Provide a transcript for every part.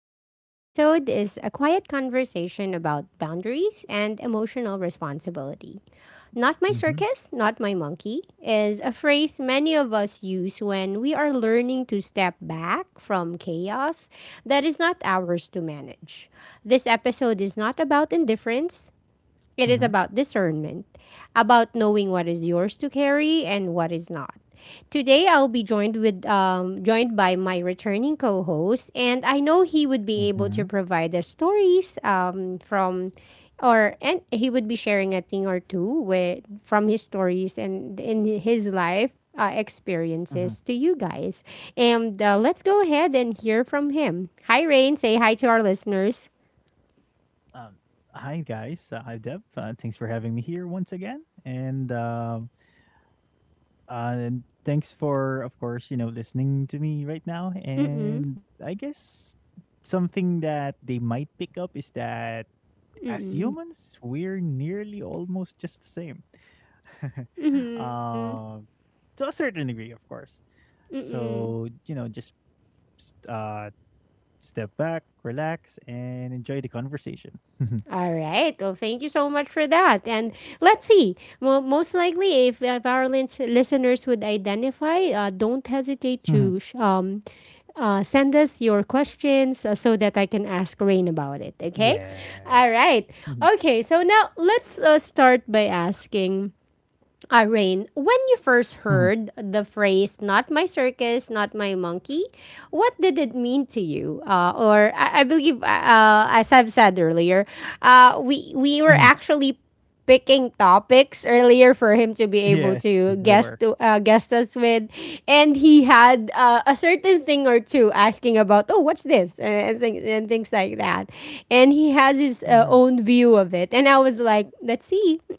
Today's episode is a quiet conversation about boundaries and emotional responsibility. Not my circus, mhm, not my monkey is a phrase many of us use when we are learning to step back from chaos that is not ours to manage. This episode is not about indifference, it is about mhm, discernment, about knowing what is yours to carry and what is not. Today, I'll be joined by my returning co-host, and I know he would be able mhm, to provide us stories from, or and he would be sharing a thing or two with from his stories and in his life mhm. experiences to you guys. And let's go ahead and hear from him. Hi, Rain. Say hi to our listeners. Um, hi guys, hi Dev. Thanks for having me here once again, and thanks for, of course, listening to me right now. Mm-mm. And I guess something that they might pick up is that as Mm-mm. humans, we're nearly almost just the same, Mm-hmm. uh, to a certain degree, of course. Mm-mm. So just uh step back, relax, and enjoy the conversation. Mhm, All right. Well, thank you so much for that. And let's see. Well, most likely, if our listeners would identify, don't hesitate mhm. to send us your questions, so that I can ask Rain about it. Okay. Yes. All right. Mhm, Okay. So now let's start by asking, Rain, when you first mhm, heard the phrase "not my circus, not my monkey," what did it mean to you? Or I believe, as I've said earlier, we mhm. were actually picking topics earlier for him to be Yes, able to we were. Guest us with, and he had a certain thing or two asking about, oh, what this and things, and things like that, and he has his Mhm. own view of it. And I was like, let's see.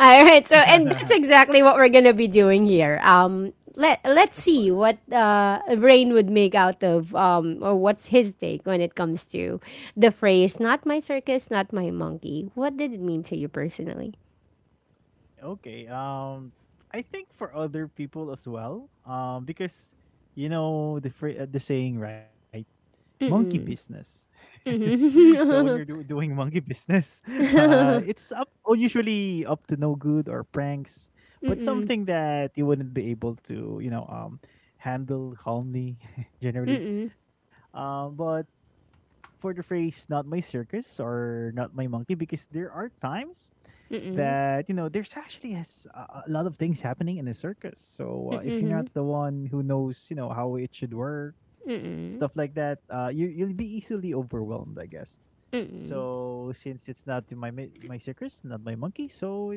All right, so and that's exactly what we're gonna be doing here. Let's Of see course. what Rain would make out of, or what's his take when it comes to the phrase "not my circus, not my monkey." What did it mean to you personally? Okay. I think for other people as well. Because you know the the saying, right? Monkey business. So when you're doing monkey business, it's usually up to no good or pranks, but something that you wouldn't be able to, handle calmly generally. Mm-mm. But for the phrase "not my circus" or "not my monkey," because there are times that there's actually has a lot of things happening in the circus, so if you're not the one who knows how it should work Mm-mm. stuff like that. You'll be easily overwhelmed, I guess. So since it's not my my circus, not my monkey, so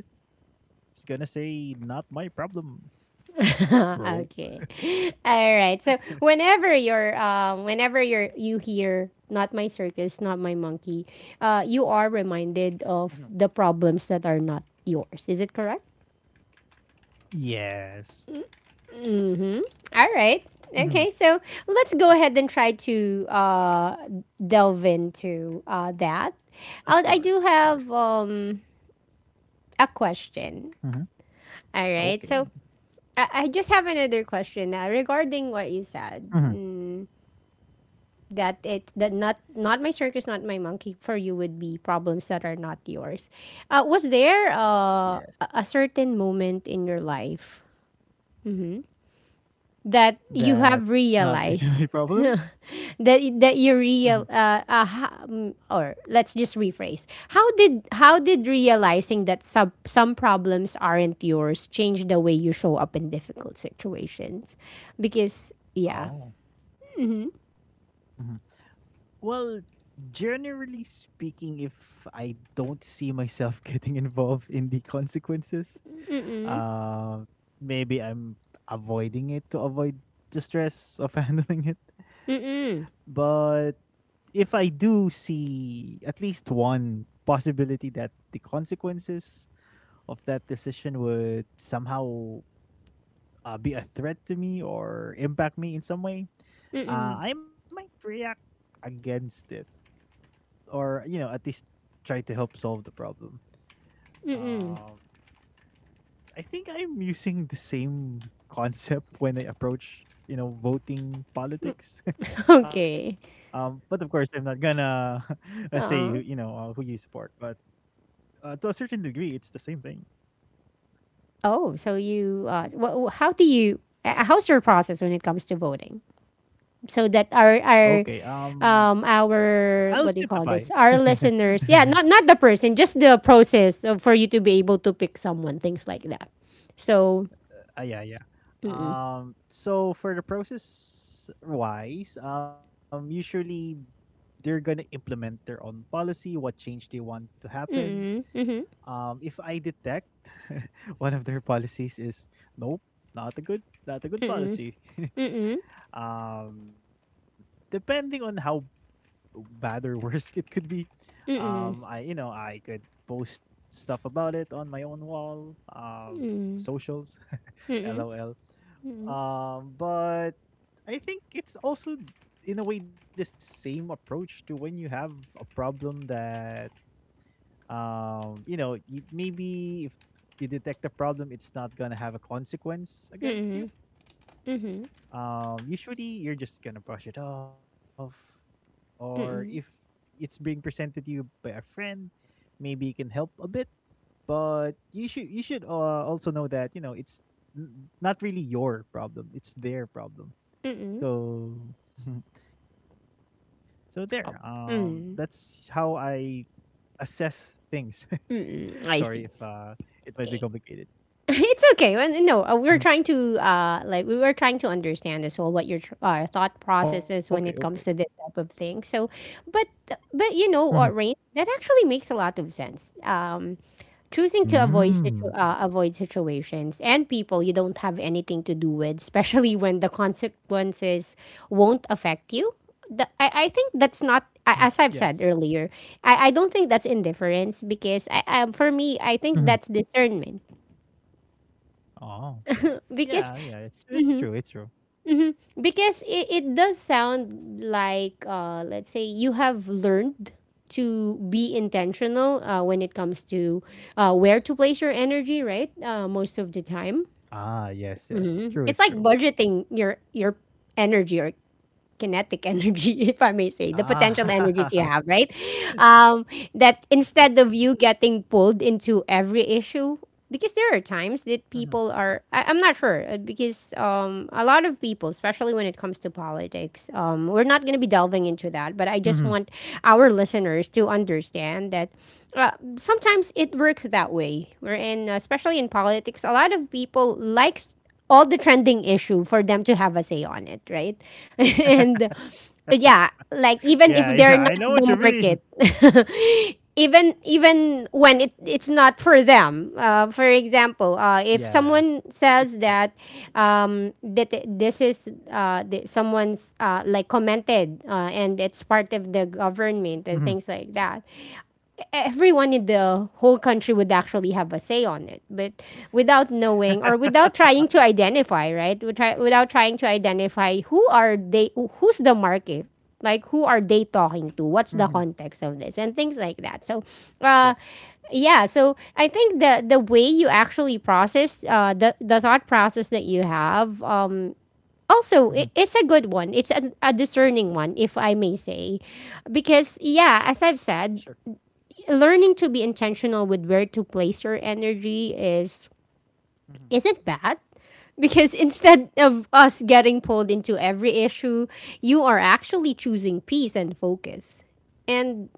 it's gonna say not my problem, bro. Okay. All right. So whenever you're you hear not my circus, not my monkey, you are Mhm. reminded of the problems that are not yours. Is it correct? Yes. Hmm? All right. Hmm. Okay, so let's go ahead and try to delve into that. Of I do course, of course. have a question. Hmm. All right, Okay. so I just have another question now regarding what you said, Hmm. That not my circus, not my monkey, for you would be problems that are not yours. Was there Yes, a certain moment in your life that you have that's not really realized, my problem. that Hmm. that you real ha- mm, or let's just rephrase. How did realizing that some problems aren't yours change the way you show up in difficult situations, because yeah. Oh. Well, generally speaking, if I don't see myself getting involved in the consequences, Mm. uh, maybe I'm avoiding it to avoid the stress of handling it. Mm. Mm. But if I do see at least one possibility that the consequences of that decision would somehow be a threat to me or impact me in some way, Mm. Mm. I might react against it or at least try to help solve the problem. Mm. Uh, I think I'm using the same concept when I approach voting politics. Okay. But of course, I'm not gonna say who, Uh-uh. who you support, but to a certain degree, it's the same thing. Oh, so you, Mhm. How's your process when it comes to voting? So that our, Okay, I'll what do you call simplify this? Our it. listeners, yeah, not the person, just the process of, for you to be able to pick someone, things like that. So, Yeah, yeah. mm-mm. So for the process wise, usually they're gonna implement their own policy, what change they want to Mm-mm. happen. Mm-hmm. If I detect one of their policies is nope, not a good, not Mm-mm. a good policy. Mm-mm. um, Depending on how bad or worse it could be. Mm-mm. I you know I could post stuff about it on my own wall, Mm-mm. socials, Mm-mm. Mm-mm. lol. But I think it's also in a way the same approach to when you have a problem that maybe if you detect a problem it's not gonna have a consequence against you. Mm-mm. Mm-mm. Usually you're just gonna brush it off, or if Mm-mm. it's being presented to you by a friend, maybe you can help a bit. But you should also know that it's not really your problem; it's their problem. Mm-mm. So so there. Oh. That's Mm. how I assess things. Mm-mm. Sorry I if see. It might be complicated. It's okay. Well, no, we are Mhm. trying to, like, we were trying to understand as well what your thought process is Okay, when it okay. comes to this type of thing. So, but you know, Mm-hmm. or Rain, that actually makes a lot of sense. Choosing to Mm. avoid situations and people you don't have anything to do with, especially when the consequences won't affect you. I think Mm-hmm. that's not Yes. a- as I've said earlier. I don't think that's indifference because for me I think that's Mm-hmm. discernment, Oh. because, Yeah, yeah, it's true, it's mhm, true. because it does sound like, let's say you have learned to be intentional when it comes to where to place your energy, right? Most of the time, Ah, yes, it's yes. like True, it's true. budgeting your, energy, or kinetic energy, if I may say, the potential Ah. energies you have, right? Um, that, instead Yes. of you getting pulled into every issue, because there are times that people Mhm, are, I'm not sure, because a lot of people, especially when it comes to politics, we're not going to be delving into that, but mhm. I just want our listeners to understand that, uh, sometimes it works that way. We're in, especially in politics, a lot of people likes all the trending issue for them to have a say on it, right? And yeah, like, even if Yeah, yeah, they're I not know what the you mean. market, even when it's not for them. For example, if someone Yeah, says that, it's true. This is, someone's, like, commented, and it's part of the government and things Mhm. like that, everyone in the whole country would actually have a say on it, but without knowing, or Mhm. without trying to identify, right? Without trying to identify who are they, who's the market, like, who are they talking to, what's the context of this and things like that, so, uh Yes. yeah. So I think the way you actually process, the thought process that you have, also, I it's a good one, Mhm. it's a discerning one, if I may say, because yeah, as I've Sure. said, learning to be intentional with where to place your energy is isn't Mhm. bad, because instead of us getting pulled into every issue, you are actually choosing peace and focus. And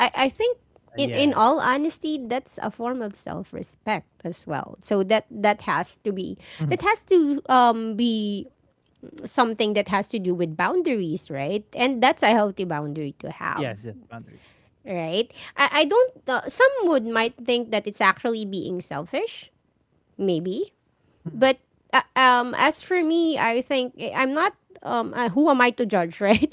I think, in Yes. all honesty, that's a form of self respect as well. So that has to be, that Mhm. has to be something that has to do with boundaries, right? And that's a healthy boundary to Yes, have, yes, boundaries. right? I don't, some would might think that it's actually being selfish, maybe, but Mhm. As for me, I think, I'm not. Who am I to judge, right?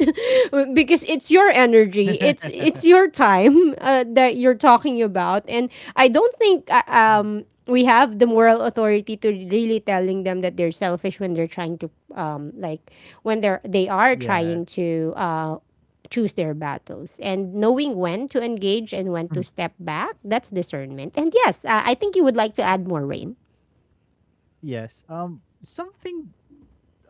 Because it's your energy, it's your time that you're talking about, and I don't think, we Mhm. have the moral authority to really telling them that they're selfish when they're trying to, like, when they are trying to Yeah. Choose their battles, and knowing when to engage and when to Mhm. step back. That's discernment. And yes, I think you would like to add more, Rain. Yes, something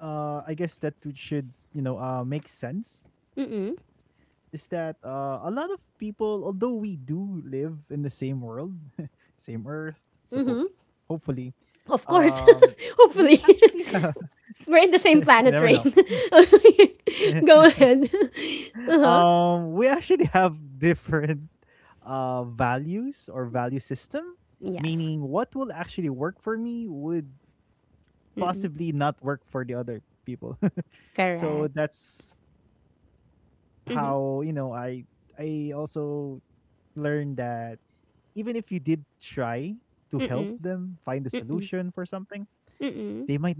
I guess that would should make Mm-mm. sense is that a lot of people, although we do live in the same world, same Earth, suppo- Mm-hmm. hopefully, Of course. um, Hopefully. we actually have We're in the same planet, Rain. you never know. Go ahead. Uh-huh. We actually have different values or value system Yes. meaning what will actually work for me would possibly not work for the other Correct. people. So that's how, I also learned that even if you did try to help them find a solution for Mm-mm. something,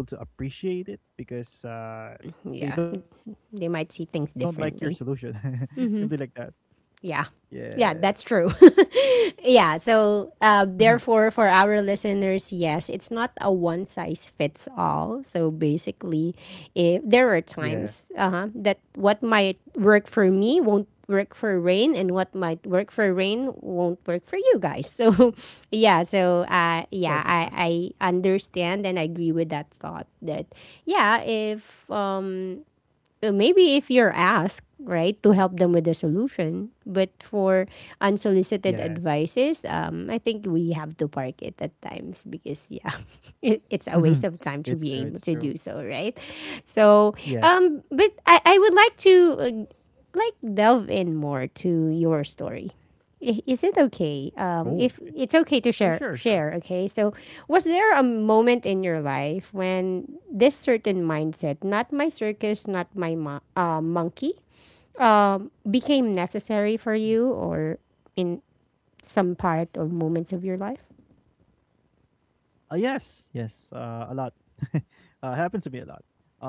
they might not even be able to appreciate it Yeah. because They might they see don't things like your differently. solution. Simply like that. Yeah. Yeah, Yes. that's true. Yeah, so, therefore, for Hmm. our listeners, yes, it's not a one size fits all. So basically, if there are times, Yeah. that what might work for me won't work for Rain, and what might work for Rain won't work for you guys. So yeah, so, Of course, I of I course. understand and I agree with that thought that, yeah, if maybe if you're asked, Mhm. right, to help them with the solution. But for unsolicited Yes. advices, I think we have to park it at times because, yeah, it's a waste of Hmm. time to be It's able true. to It's do so, true. right? So, Yes. but I would like to like, delve in more to your story. Is it okay, Oh, if it's okay to sure, share, sure, sure. Okay, so was there a moment in your life when this certain mindset, not my circus, not my monkey, Mm-hmm. became necessary for you, or in some part or moments of your life? Yes, yes, a lot. Happens to me a lot.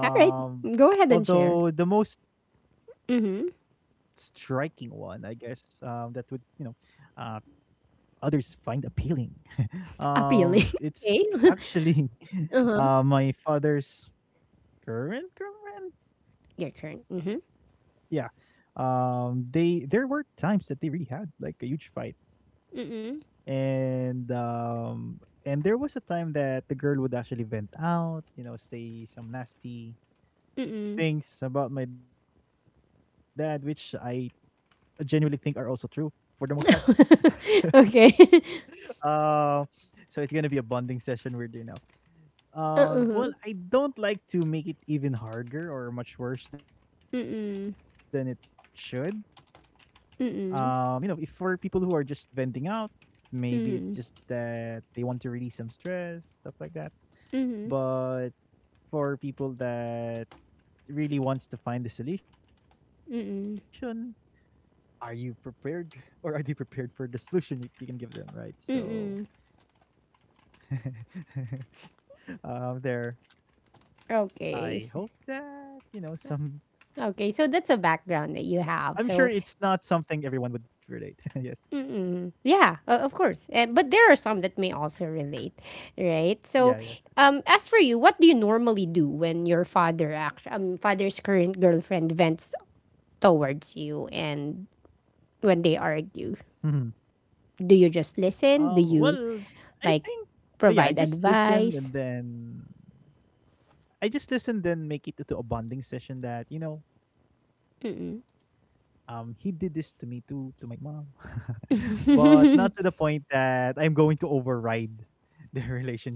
All right, go ahead and share. Although the most striking Mm-hmm. one, I guess, that would uh, others find appealing. Appealing. It's Okay. actually, Uh-huh. my father's current girlfriend. Your Yeah. turn. Mm-hmm. They there were times that they really had like a huge fight, Mm-mm. and um and there was a time that the girl would actually vent out say some nasty Mm-mm. things about my dad, which I genuinely think are also true for the most part. Okay. uh, so it's gonna be a bonding session, weirdly enough. Well, Uh-huh. I don't like to make it even harder or much worse than it Mm-mm. should. If for Mm-mm. people who are just venting out, maybe it's just Mm-mm. that they want to release some stress, stuff like that. Mm-hmm. But for people that really wants to find the solution, Mm-mm. are you prepared or are they prepared for the solution you can give them, right? So Mm-mm. There, I Okay. Hope that some. Okay. So that's I'm a sure it's background that not you have. something So, everyone would relate. Yes, yeah, of course. But there are some that may also relate, right? yeah, yeah, So, true, true. As for you, what do you normally do when your father's current girlfriend vents towards you and when they Mm-hmm. argue? Do you just listen? Do Well, you, I think like, yeah, I just provide listened and advice? then I just listened, then make it to a bonding session that, he did this to me too, to my mom. But not to the point that I'm going to override their relationship.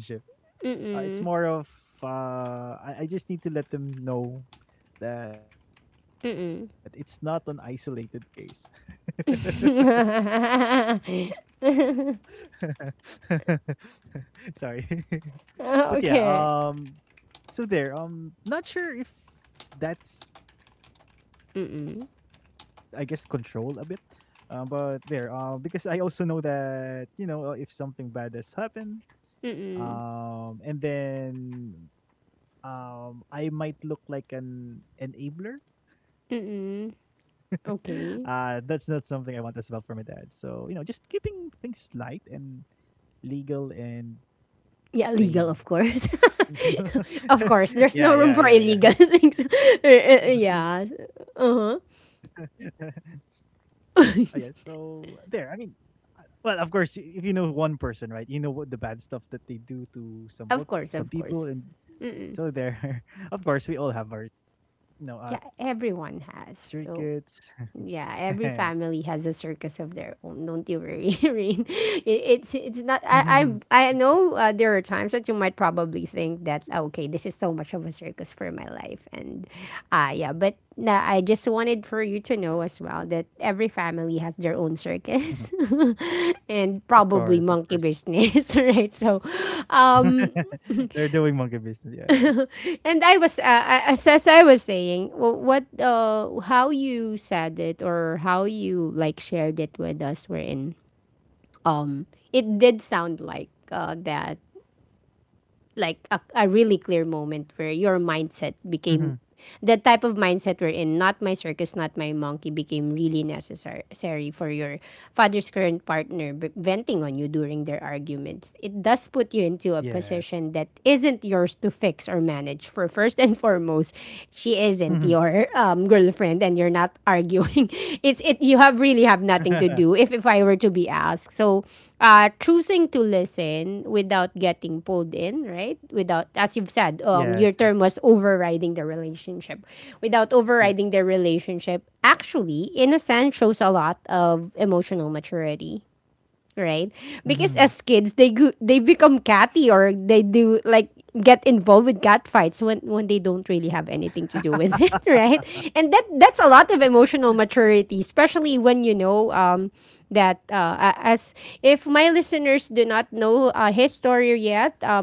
It's more of I just need to let them know that it's not an isolated case. Sorry. But yeah, Okay. So there. Not sure if that's, I guess, control a bit. But there. Because I also know that, if something bad has happened, Mm. and then I might look like an enabler. Mm-mm. That's not something Okay. I want as well for my dad. So, just keeping things light and legal and Yeah, legal, same. of course. Of course, there's no Yeah, room yeah, for yeah, yeah. illegal things. Yeah. Uh-huh. Oh, yeah, so there, I mean, well, of course, if you know one person, right, you know what the bad stuff that they do to some bo- Of some course, people, of and course. so there. Of course, we all have our, Yeah, circuits. everyone has. So, yeah, every family has a circus of their own. Don't you worry, Rain. It's not. I know, there are times that you might probably think that, oh, okay, this is so much of a circus for my life, and yeah. But nah, I just wanted for you to know as well that every family has Mhm. their own circus, Of course, and of course. probably monkey business, right? They're doing monkey business. Yeah, yeah. And I was I- as I was saying, wh- what how you said it or how you like shared it with us, wherein it did sound like that, like a really clear moment where your mindset Mhm. became that type of mindset we're in, not my circus, not my monkey, became really necessary for your father's current partner venting on you during their arguments. It does put you into a Yes. position that isn't yours to fix or manage. For first and foremost, she isn't Mhm. your girlfriend and you're not arguing. It's it you have really have nothing to do if I were to be asked. So choosing to listen without getting pulled in, right? Without, as you've said, Yes, your yes, term was overriding the relationship. Without yes. overriding the relationship, actually, in a sense, shows a lot of emotional maturity, right? Mhm. Because as kids, they become catty or they do like get involved with cat fights when they don't really have anything to do with it, right? And that's a lot of emotional maturity, especially when you know that a- as if my listeners do not know his story yet,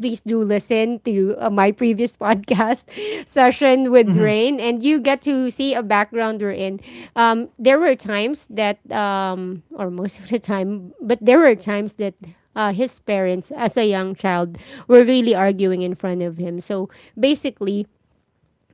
please do listen to my previous podcast session with Rain, and you get to see a background we're in. There were times that, or most of the time, but there were times that his parents, as a young child, were really arguing in front of him. So basically,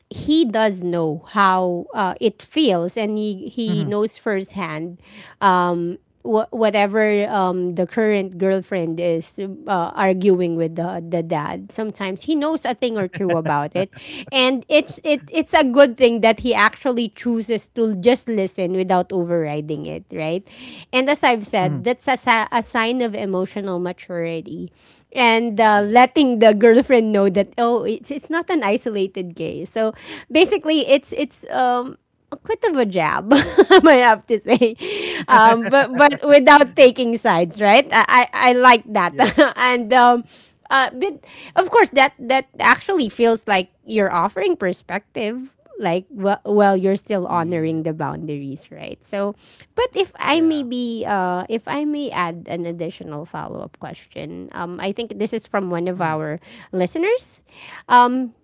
he does know how it feels, and Mhm. he knows firsthand. Um, whatever the current girlfriend is arguing with the dad, sometimes he knows a thing or two about it, and it's a good thing that he actually chooses to just listen without overriding it, right? And as Mhm. I've said, that's a, a sign of emotional maturity, and Yeah. Letting the girlfriend know that oh, it's not an isolated gay. So basically, it's a quit of a jab, I have to say, but without taking sides, right? I like Yes. that, and but Mhm. of course that that actually feels like you're offering perspective, like well, well, Yes. you're still honoring the boundaries, right? So, but Yeah. if I may be, if I may add an additional follow up question, I think this is from Mhm. one of our listeners. Um,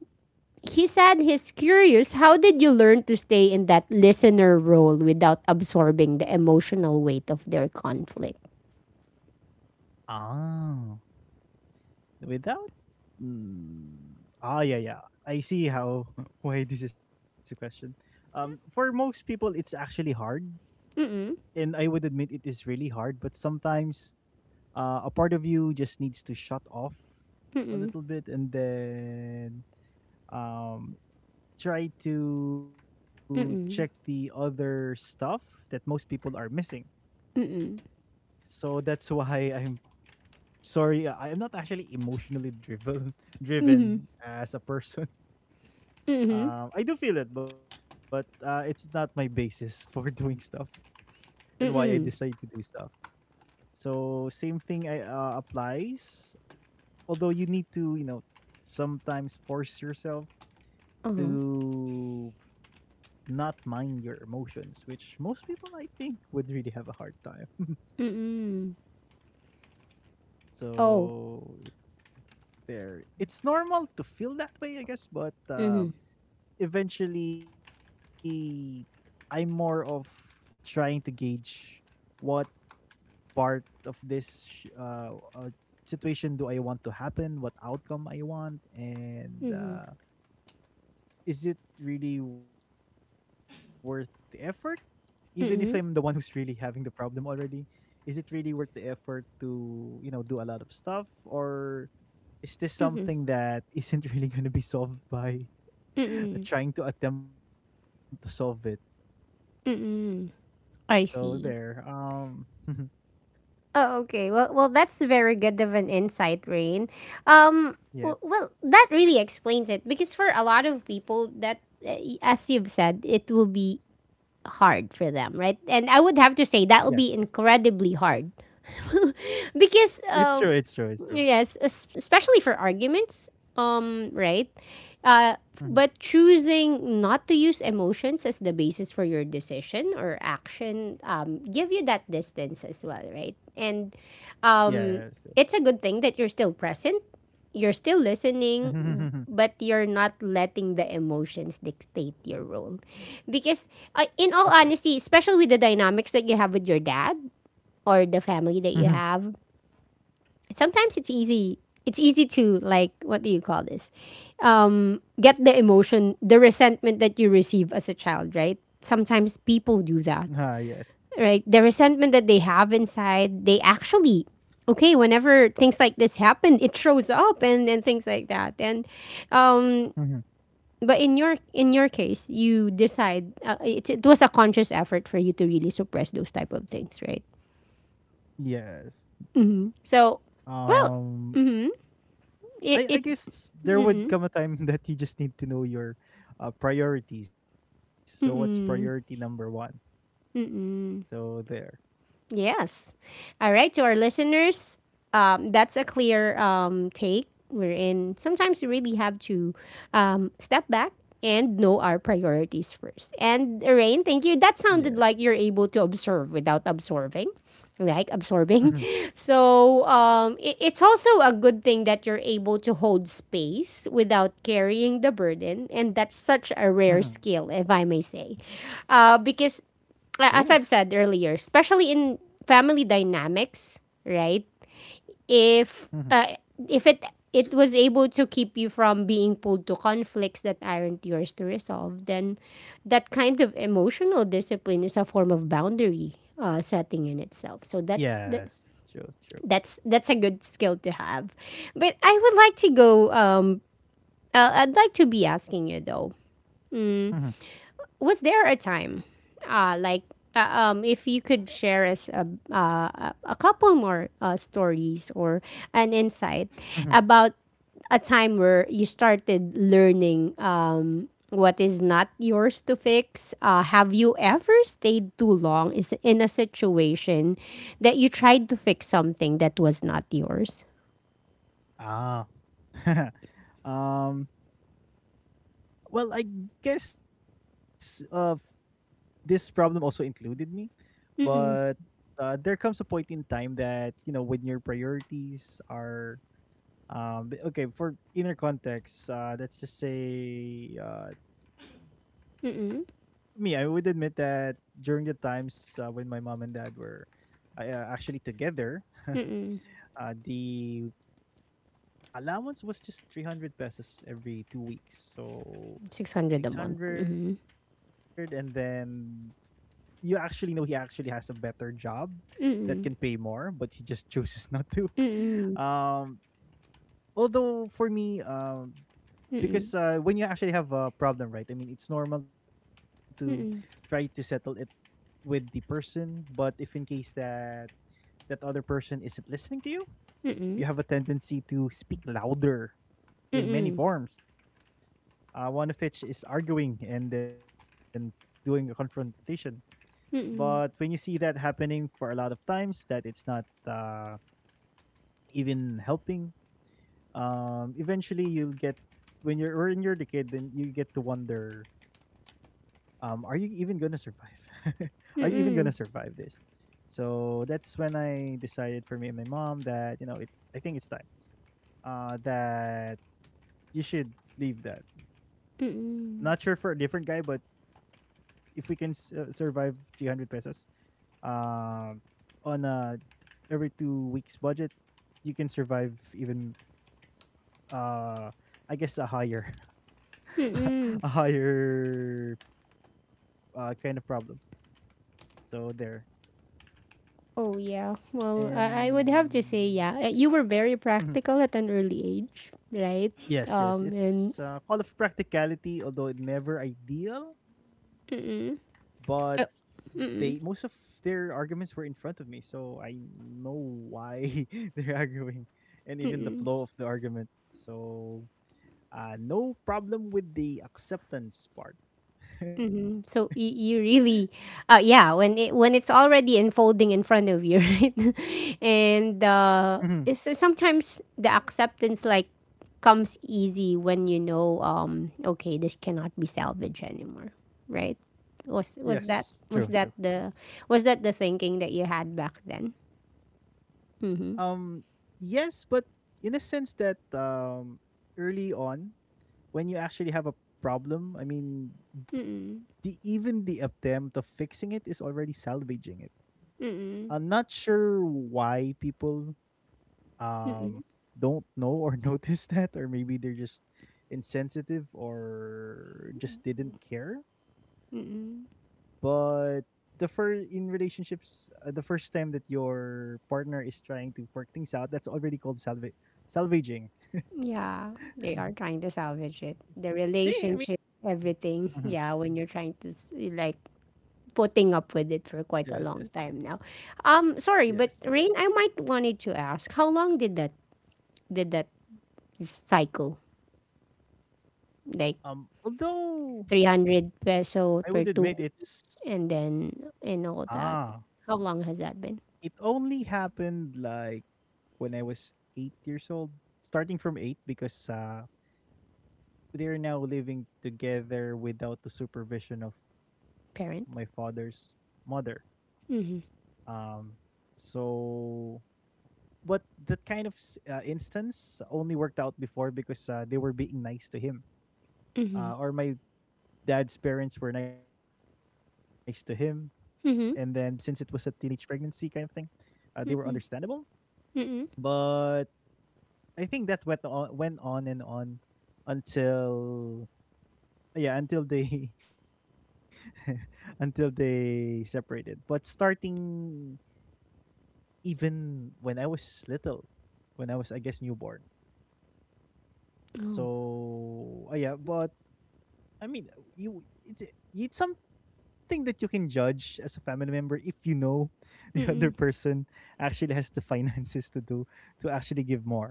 he said he's curious, how did you learn to stay in that listener role without absorbing the emotional weight of their conflict? Ah, without mm, yeah, yeah. I see how why this is a question. For most people, it's actually hard, and Oh. I would admit it is really hard. But sometimes, a part of you just needs to shut off a Mm-hmm. little bit, and then um, try to check the Mm-hmm. other stuff that most people are missing. So that's why I'm sorry. I am not actually emotionally driven Mm-mm. driven as a person. I do feel it, but it's not my basis for doing stuff and why I decide to do stuff. So same thing I, applies. Although you need to, sometimes force yourself Uh-huh. to not mind your emotions, which most people I think would really have a hard time. Mm-mm. Oh. So if there, it's normal to feel that way, I guess, but Mm-hmm. eventually I'm more of trying to gauge what part of this situation do I want to happen, what outcome I want, and Mm-hmm. Is it really worth the effort? Even if I'm the one who's really Mm-hmm. having the problem already, is it really worth the effort to, do a lot of stuff? Or is this something Mm-hmm. that isn't really going to be solved by Mm-mm. trying to attempt to solve it? Mm-mm. So I there. see. Oh, okay. Well, well, that's very good of an insight, Rain. Um, Yes, well, that really explains it because for a lot of people, that as you've said, it will be hard for them, right? And I would have to yes, say yes. that will be incredibly hard It's because true. It's true. It's true. yes, especially for arguments, right? Uh, Mhm. but choosing not to use emotions as the basis for your decision or action give you that distance as well, right? And Yes. um, it's a good thing that you're still present, you're still listening, Yes. but you're not letting the emotions dictate your role. Because Of course. in all honesty, especially with the dynamics that you have with your dad or the family Mm-hmm. that you have, sometimes it's easy to, like, what do you call this, get the emotion, the resentment that you receive as a child, right? Sometimes people do that, Yes. right, the resentment that they have inside. They actually okay, whenever things like this happen, it shows up and things like that. And um Mhm. but in your, in your case, you decide, it was a conscious effort for you to really suppress those type of things, right? Yes. So well, Um, I it. guess there would come a time that you just need to know your priorities. So what's priority number one? So there. Yes. All right. To our listeners, that's a clear take. We're in. Sometimes we really have to step back and know our priorities first. And Rain, thank Yeah. you. That sounded like you're able to observe without absorbing, like Mm-hmm. absorbing. So it's also a good thing that you're able to hold space without carrying the burden. And that's such a rare Mm-hmm. skill, if I may say, Oh. because as I've said earlier, especially in family dynamics, right? Mm-hmm. If uh, if it it was able to keep you from being pulled to conflicts that aren't yours to resolve, then that kind of emotional discipline is a form of boundary setting in itself. So Yes. that's the, True. True. that's a good skill to have. But I would like to go. I'd like to be asking you though, Mm-hmm. was there a time, uh, like, if you could share us a couple more stories or an insight Mm-hmm. about a time where you started learning what is not yours to fix? Have you ever stayed too long is in a situation that you tried to fix something that was not yours? Ah. um. Well, I guess this problem also included me, but Mm-mm, there comes a point in time that when your priorities are. But okay, for inner context, let's just say me, mm-mm, I would admit that during the times when my mom and dad were actually together, mm-mm. The allowance was just 300 pesos every 2 weeks. So 600 a month. 600. Mm-hmm. And then you actually know he actually has a better job that can pay more, Mm-mm, but he just chooses not to. mm-mm, Um, although for me, because mm-mm, when you actually have a problem, right? I mean, it's normal to try to mm-mm, settle it with the person, but if in case that that other person isn't listening to you, you have a tendency to speak louder in many mm-mm. forms. One of which is arguing and then doing a confrontation. But when you see Mm-mm. that happening for a lot of times, that it's not uh, even helping. Eventually, you'll get when you're the kid, then you get to wonder are you even gonna survive? Are you even gonna survive Mm-mm. this? So that's when I decided for me and my mom that you know it. I think it's time that you should leave that. Mm-mm. Not sure for a different guy, but if we can survive 300 pesos um, on a every 2 weeks budget, you can survive even uh, I guess a higher Mm-mm. a higher kind of problem. So there. Oh yeah. Well, I would have to And say yeah. You were very mhm. practical at an early age, right? Yes, yes, And it's a call of practicality, although it never ideal. But they most of Uh, their arguments were in front of me, so I know why they're arguing, and even the flow of the argument. So no problem with the acceptance part. So you really, yeah, when it, when it's already unfolding in front of you, right? And Mhm. Sometimes the acceptance like comes easy when you know, okay, this cannot be salvaged anymore, right? Was Yes, was that true, true, was true. that the was that the thinking that you had back then? Mm-hmm. Um, yes, but in a sense that early on when you actually have a problem, I mean, Mm-mm. the even the attempt of fixing it is already salvaging it. Mm-mm. I'm not sure why people um Mm-mm. don't know or notice that, or maybe they're just insensitive or just didn't care. Mm-mm. But the first in relationships, the first time that your partner is trying to work things out, that's already called salvaging. Yeah, they are trying to salvage it. The relationship, See, I mean, everything. Yeah, when you're mhm. trying to like putting up with it for quite Yes, a yes, long time now. Sorry, but yes. Rain, I might wanted to ask, how long did that cycle? Like Um, three although hundred I would peso admit per two it's weeks, and then and all ah, that. How long has that it been, only happened like when I was 8 years old, starting from eight because they're now living together without the supervision of my parent? father's mother. Mm-hmm. Um, so, but that kind of instance only worked out before because they were being nice to him, Mm-hmm. or my dad's parents were nice to him and then since it was a Mm-hmm. teenage pregnancy kind of thing, they were understandable. Mm-mm. Mm-mm. But I think that went on and on until yeah until they until they separated. But starting even when I was little, when I was I guess newborn. Oh. So yeah, but I mean, you it's something that you can judge as a family member if you know the other Mm-mm. person actually has the finances to do to actually give more.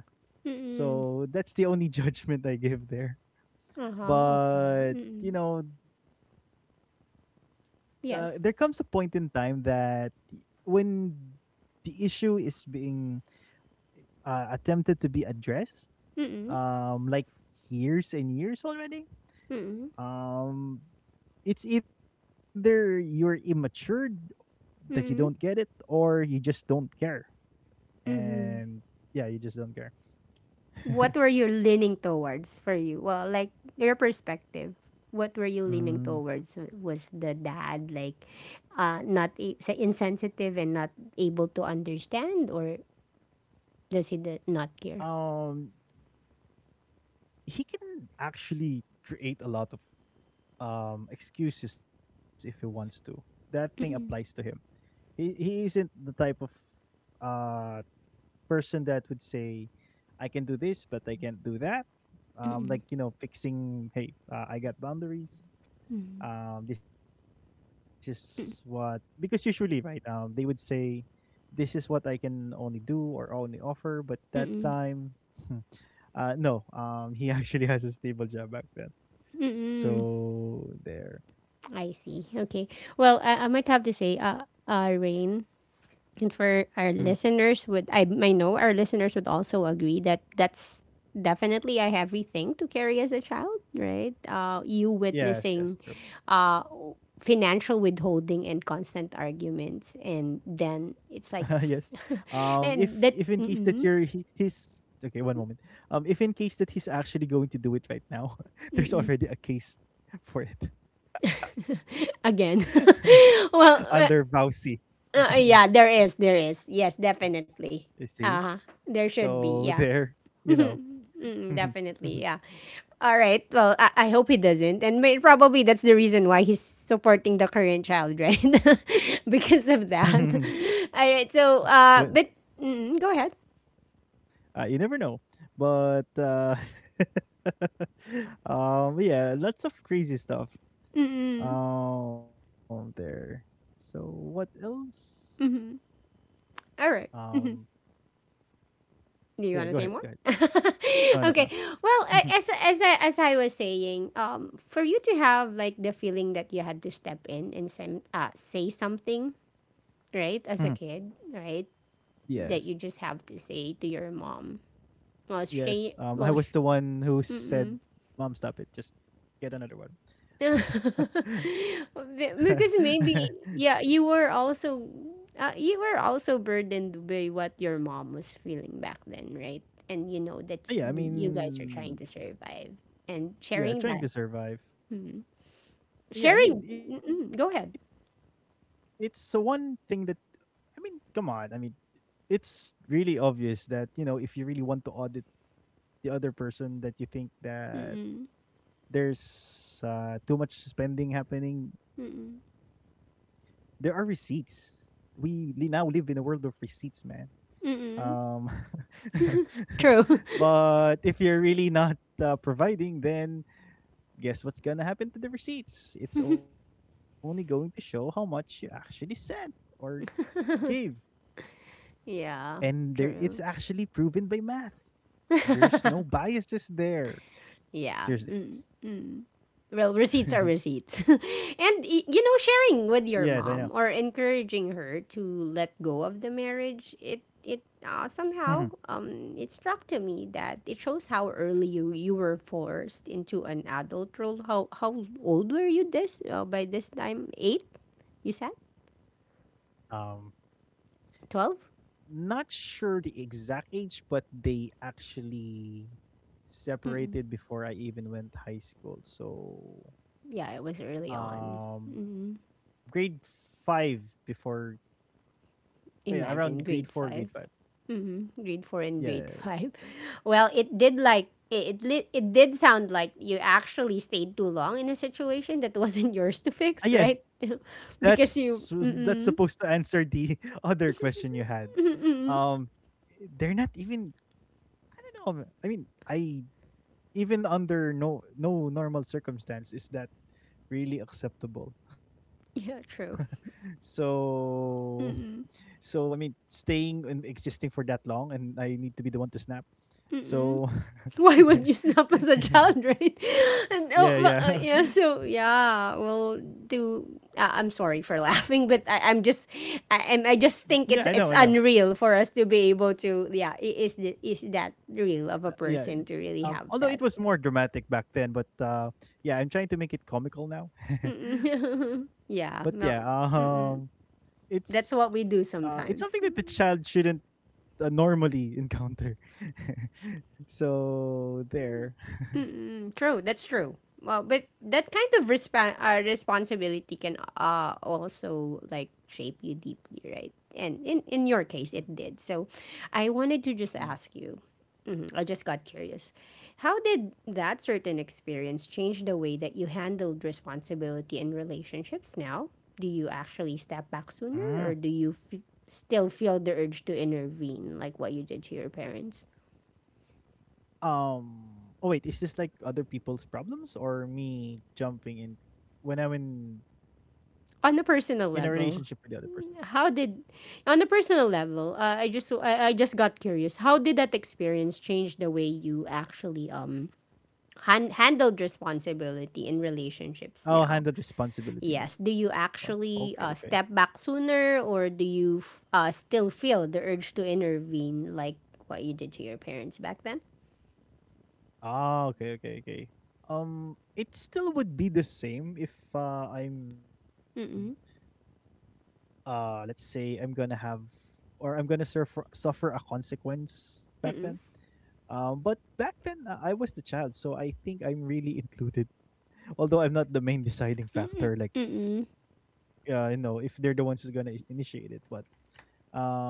Mm-mm. So that's the only judgment I give there. Uh-huh. Okay. But Mm-mm. you know, there comes a point Yes. in time that when the issue is being attempted to be addressed, Mm-mm. Like years and years already, Mm-mm. um, it's either you're immature that you Mm-mm. don't get it or you just don't care Mm-hmm. and yeah you just don't care. What were you leaning towards for you? Well, like your perspective, what were you leaning towards? Mm. Was the dad like not a- say insensitive and not able to understand, or does he not care? um he can actually create a lot of excuses if he wants to that thing applies to him. Mm-mm. He isn't the type of uh person that would say I can do this but I can't do that. Like Mm-mm, you know fixing hey, I got boundaries. mm-mm, This is what because usually right, they would say this is what I can only do or only offer, but that mm-mm, time. No, he actually has a stable job back then. mm-mm. So there. I see. Okay. Well, I might have to say, Rain, and Mhm. for our listeners, would I know our listeners would also agree that that's definitely a heavy thing to carry as a child, right? You Yes, yes, true. witnessing uh, financial withholding and constant arguments, and then Yes. it's like if in case and that that you're he, mm-mm. he's okay one moment. If in case that he's actually going to do it right now, there's already a case for it. Again. Under Well, Bowsy. Yeah, there is, yes, You definitely, see. uh-huh, there should be, So yeah. there, you know. Mm, definitely, yeah. All right. Well, I hope he doesn't, and may, probably that's the reason why he's supporting the Korean child, right? because of that. All right. So, But but mm, go ahead. You never know. But yeah, lots of crazy stuff. Mm-mm. Um, there. So what else? Mm-hmm. All right. Um, Mm-hmm. yeah, Do go you ahead, want to go say ahead. more? No, no, no. Okay. Well, Mhm, as I was saying, for you to have like the feeling that you had to step in and say something, mhm. right, as a kid, right, Yes. that you just have to say to your mom, Yes. Australia, Um, I well, was the one who said, mm-mm. "Mom, stop it. Just get another one." Because maybe, yeah, you were also burdened by what your mom was feeling back then, right? And you know Yeah, I that you guys are mean, trying to survive and yeah, sharing trying to that, survive. mm, Yeah, I mean, sharing. it's Mm-mm. Go ahead. it's the one thing that I mean, come on. I mean, it's really obvious that, you know, if you really want to audit the other person that you think that Mm-mm. there's too much spending happening, Mm-mm. there are receipts. Now live in a world of receipts, man. Um, Mm-mm. True. but if you're really not providing, then guess what's gonna happen to the receipts? It's only going to show how much you actually sent or gave. Yeah. And there True. it's actually proven by math. There's no biases there. Yeah. Mm, Seriously. mm. Well, receipts are receipts. And, you know, Yes, I know. sharing with your mom or encouraging her to let go of the marriage, it Mhm. somehow, it struck to me that it shows how early you were forced into an adult role. How old were you this, by this time? Eight, you said? Um, 12? not sure the exact age, but they actually Mm-mm. separated before I even went high school. Yeah, it So was early on. Mm-hmm. Grade five before yeah, Imagine around grade grade 5. four, grade five. Mm-hmm. Grade 4 and grade 5. Yes. Well, it did like it did sound like you actually stayed too long in a situation that wasn't yours to fix, right? Yes, Because you that's mm-mm, supposed to answer the other question you had. mm-mm. Um, they're not even. I don't know. I mean, I even under no normal circumstance is that really acceptable. Yeah, true. So so I mean, staying and existing for that long, and I need to be the one to snap. Mm-mm. So Why would you snap as a child, right? And oh, well, yeah, yeah, so yeah, yeah, well, do I'm sorry for laughing, but I, I'm just I, I'm- I just think yeah. I know, I it's know. unreal for us to be able to yeah is the, is that real of a person Yeah. to Yeah. really have Um, that. although it was more dramatic back then, but yeah, I'm trying to make it comical now. Mm-mm. But yeah, Yeah, well mm-mm. it's That's what we do it's something sometimes. that the child shouldn't normally encounter. So there. Mm, true. That's true. Well, but that kind of responsibility can also like shape you deeply, right? And in your case, it did. So I wanted to just Mm. ask you, mhm, I just got curious. How did that certain experience change the way that you handled responsibility in relationships now? Do you actually step back Mm. sooner or do you still feel the urge to intervene like what you did to your parents? Um. Oh wait, is this like other people's problems or me jumping in when I'm in On in a a personal relationship with the other level. person? How did On a personal level, I just got curious, how did that experience change the way you actually handled responsibility in relationships Oh, handle now? responsibility more. Yes, do you Okay, okay. actually, step back sooner, or do you still feel the urge to intervene like what you did to your parents back then? Ah, okay, okay, okay. It still would be the same if I'm Mm-mm. Let's say I'm gonna have or I'm gonna suffer a consequence back then. Mm-mm. But back then I was the child, so I think I'm really included. Although I'm not the main deciding Mm-mm. factor, like Mm-mm. You know, if they're the ones who's gonna initiate it, but um,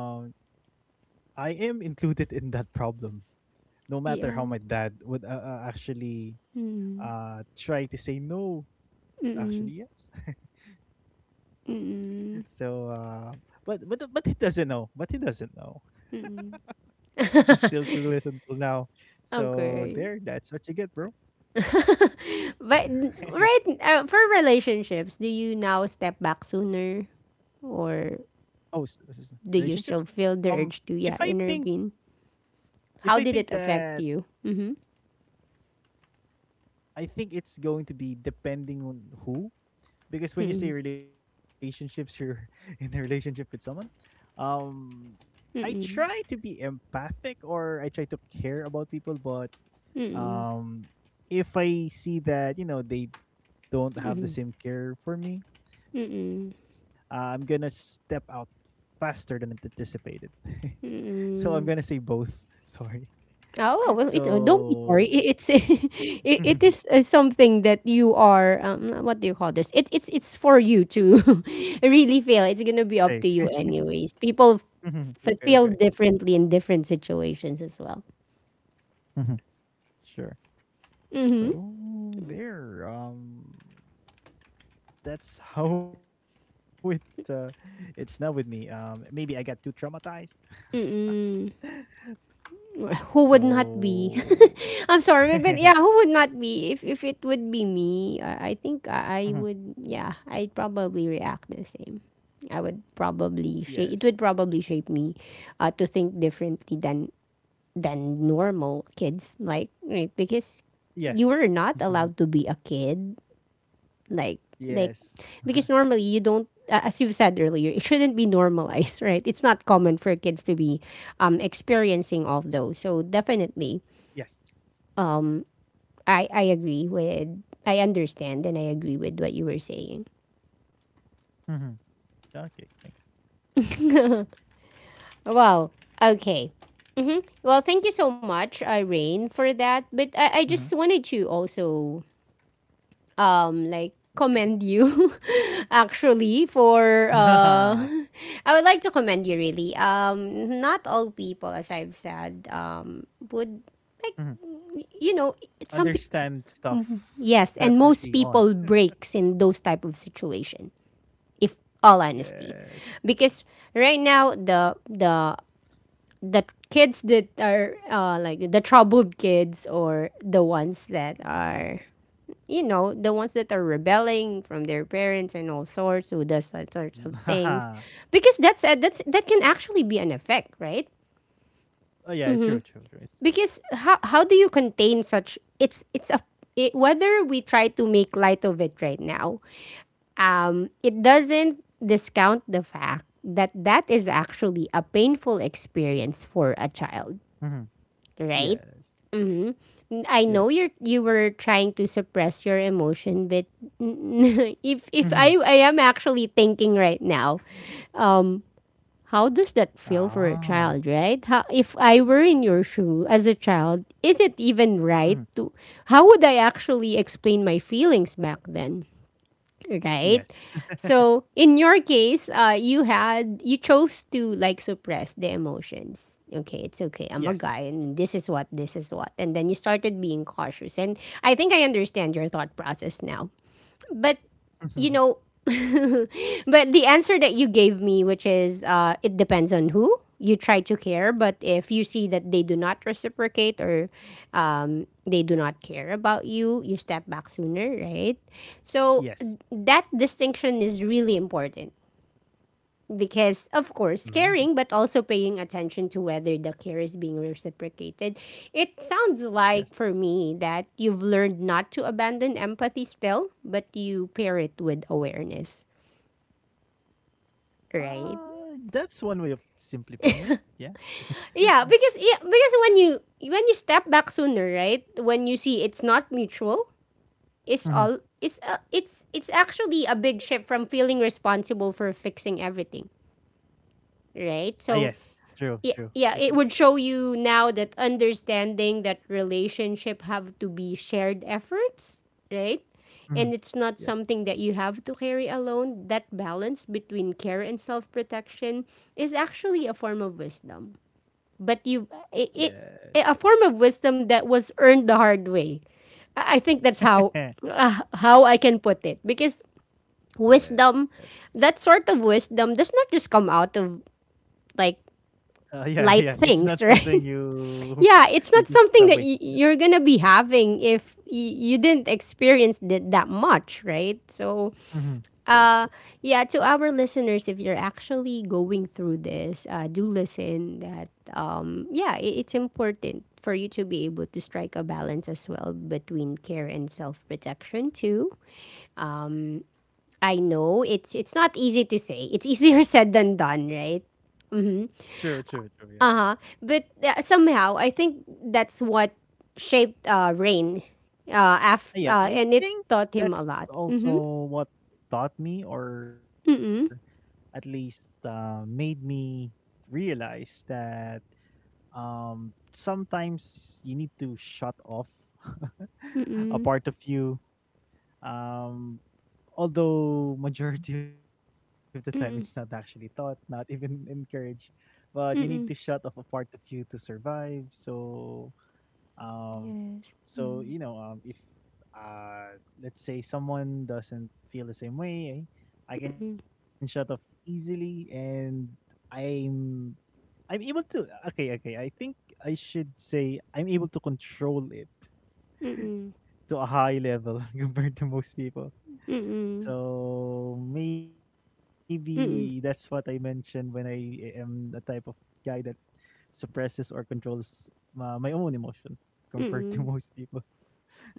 I am included in that problem. No matter how Yeah. my dad would actually Mm-mm. Try to say no. Mm-mm. Actually, yes. So, Mm-mm. but he doesn't know. But he doesn't know. He's still clueless until now. So there, Okay. that's what you get, bro. But, right, for relationships, do you now step back sooner, or Oh, relationships. do you still Um, feel the if urge to, I yeah, think intervene? if I think How did it that affect you? Mhm. I think it's going to be depending on who, because when you say Mm. relationships, you're in a relationship with someone. Um, I try to Mm. be empathic or I try to care about people, but Mm. um, if I see that you know they don't have the Mm. same care for me, I'm Mm. gonna step out faster than anticipated. So I'm gonna say Mm. both. Sorry. Oh, well, don't So be sorry. It's It is, something that you are, what do you call this? It's for you to really feel. It's say going to be up to you anyways. People mhm. Okay, okay, feel differently in different situations as well. mhm. Sure. Mm-hmm. So there. That's how it. Uh, it's now with me. Maybe I got too traumatized. Mm-mm. Who would not be? So I'm sorry, but yeah, who would not be? If it would be me, I think I would. Yeah, I'd probably react the same. I would yes. probably shape. It would probably shape me, to think differently than normal kids. Like, right, because Yes. you were not allowed to be a kid, like like, Yes. because normally you don't as you've said earlier, it shouldn't be normalized, right, it's not common for kids to be, experiencing all those, so definitely, Yes. I, I agree with I understand and I agree with what you were saying. Mhm. Okay, thanks. Well. Okay. Hmm. Well, thank you so much, Irene, for that, but I Mhm. just wanted to also, like, Okay. commend you, actually, for I would like to commend you, really. Not all people, as I've said, would, Mhm. like, you know some pe- Understand stuff. That yes, and early most on. people breaks in those type of situation, if all Yes. honesty, because right now, the kids that are, like the troubled kids, or the ones that Mhm. are, rebelling from their parents and all sorts, who does that sorts of things, because that's, that can actually be an effect, right? Oh, yeah, true, true, true. It's true. Because how do you contain such? Whether we try to make light of it right now, it doesn't discount the fact that that is actually a painful experience for a child, Mhm. Yes. right? Yes. I know you were trying to suppress your emotion, but if Mhm. I am actually thinking right now, how does that feel for Oh. a child, right? How, if I were in your shoe as a child, is it even Mhm. right to? How would I actually explain my feelings back then? Right? Yes. So in your case, you chose to, like, suppress the emotions. Okay, it's okay. Yes. I'm a guy, and this is what, and then you started being cautious. And I think I understand your thought process now, but, you know, but the answer that you gave me, which is, it depends on who you try to care, but if you see that they do not reciprocate, or, they do not care about you, you step back sooner, right? So Yes. that distinction is really important, because of Mhm. course caring but also paying attention to whether the care is being reciprocated. It sounds Yes. like, for me, that you've learned not to abandon empathy still, but you pair it with awareness. Right. That's one way of simply putting it. Yeah. Yeah, because, yeah, because when you, step back sooner, right, when you see it's not mutual, it's Mhm. all it's actually a big shift from feeling responsible for fixing everything, Ah, right? yes. So, True, true. yeah, It is. yeah, it would show you now, that understanding that relationship have to be shared efforts, right? Mhm. And it's not Yes. something that you have to carry alone. That balance between care and self-protection is actually a form of wisdom. But you it, Yes. it a form of wisdom that was earned the hard way. I think that's how, how I can put it, because Yes. wisdom, that sort of wisdom does not just come out of, like, Yeah, yeah. light It's not things, something right? you Yeah, you it's not just something wake that up with. you're gonna be having if you didn't experience it that much, right? So, Mhm. True, uh, true. yeah, to our listeners, if you're actually going through this, do listen. That Yeah, I it's important for you to be able to strike a balance as well between care and self protection too. Um, I know it's, not easy to say. It's easier said than done, right? True, Mhm. true, true. Yeah. Uh huh. But, somehow, I think that's what shaped, Rain. Uh, af- yeah, uh, I and it think taught him a that's lot. Mm-hmm. also what taught me or at Mm-mm. least made me realize that sometimes you need to shut off a Mm-mm. part of you. um although majority of the time it's not actually taught, Mm-mm. not even encouraged. But you need to shut off a Mm-mm. part of you to survive. So, um, Yes. so you Mm. know, if let's say someone doesn't feel the same way, I can shut Mm-mm. off easily, and I'm I'm able to. Okay, okay. I think I should say I'm able to control it Mm-mm. to a high level compared to most people. Mm-mm. So maybe that's what I Mm-mm. mentioned when I am the type of guy that suppresses or controls my own emotion compared to most Mm-mm. people.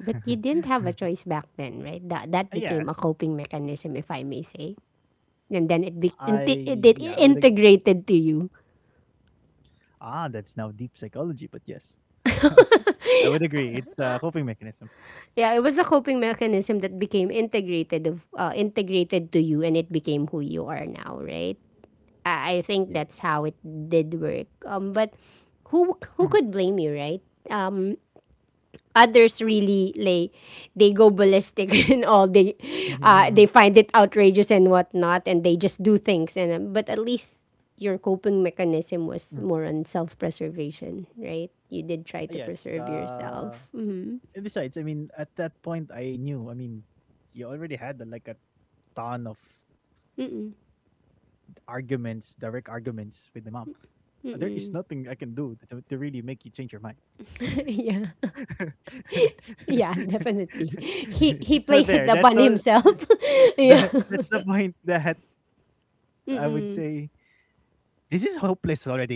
you didn't have a choice back then, right? That that became a Yes, coping mechanism, if I may say. And then it, I be- yeah, I would inte- ag- it, it integrated to you. That's now deep psychology, but yes, I would agree. It's a coping mechanism. Yeah, it was a coping mechanism that became integrated, of integrated to you, and it became who you are now, right? Yeah. I think that's how it did work. But who Mhm. who could blame you, right? Um, Others really, like, they go ballistic and all they find it outrageous and whatnot, and they just do things. And, but at least your coping Mhm. mechanism was more on self preservation, right? You did try Yes. to preserve Uh, yourself. and Mm-hmm. besides, I mean, at that point, I knew. I mean, you already had like a ton of Mm-mm. arguments, direct arguments with my mom, there is nothing I Mm-mm. can do to really make you change your mind. Yeah, yeah, definitely, he he So plays it there, that's upon all. himself. Yeah. The, that's the point that I would say. Mm-mm. This is hopeless already.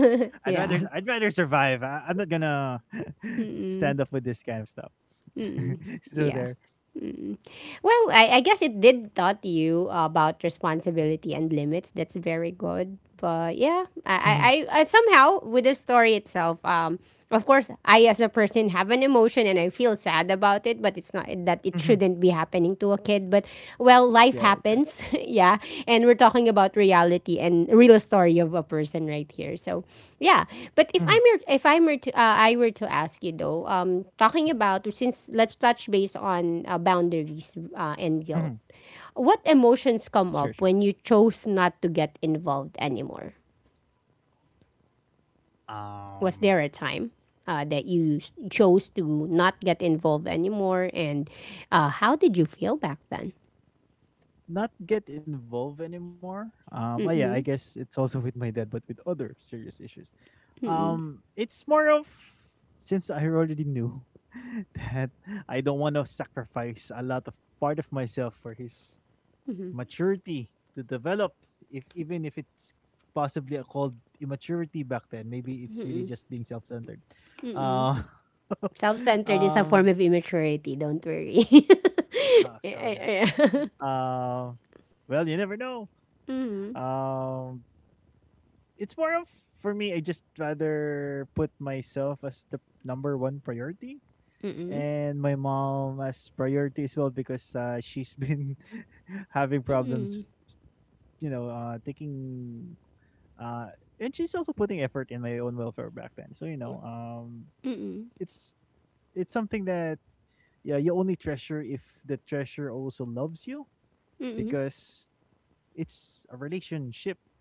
I'd rather I'd Yeah. rather survive. I'm not gonna stand Mm-mm. up with this kind of stuff. Mm-mm. So Yeah. there. Mm. Well, I guess it did taught you about responsibility and limits. That's very good. But yeah, Mm-hmm. Mm-hmm. I- Somehow, with the story itself, of course, I as a person have an emotion and I feel sad about it. But it's not that it Mm-hmm. shouldn't be happening to a kid. But, well, life Yeah, yeah. happens. Yeah, and we're talking about reality and real story of a person right here. So, yeah, Mm-hmm. but if I'm your, if I'm were to, I were to ask you though, talking about, since, let's touch base on, boundaries, and Mm-hmm. guilt. What Sure, sure. emotions come up when you chose not to get involved anymore? Um. Was there a time, that you chose to not get involved anymore, and, how did you feel back then? Not get involved anymore. Oh yeah, I Mm-mm, guess it's also with my dad, but with other serious issues. mm-mm. It's more of, since I already knew, that I don't want to sacrifice a lot of part of myself for his maturity to develop. If even if it's possibly a called immaturity back then, maybe it's really just being self-centered. Uh, Self-centered is a form of um, immaturity. Don't worry. So there. Yeah. Yeah. Um, well, you never know. Mm-mm. Um, it's more of, for me, I just rather put myself as the number one priority Mm-mm. and my mom as priority as well because she's been having Mm-mm. problems, you know, taking uh, and she's also putting effort in my own welfare back then. So you know, Mm-mm. it's it's something that, yeah, you only treasure if the treasure also loves you Mm-mm. because it's a relationship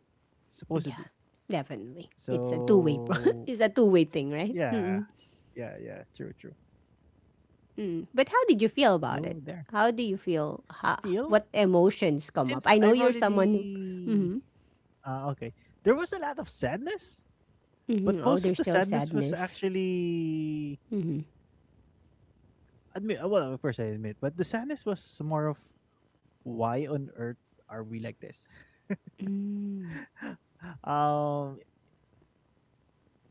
supposedly. Yeah. Definitely. It's a two-way pro- So It's a two-way thing, right? yeah. Mm-mm. Yeah, yeah. True, true. Mm. But how did you feel about So it? there. How do you feel? How, Feel, what emotions come since up? I know I've you're someone who. already Mhm. Okay. There was a lot of sadness, but Mhm. Oh, most of there's the still sadness was sadness. actually admit, well, of course I admit, but the sadness was more of, why on earth are we like this? Um.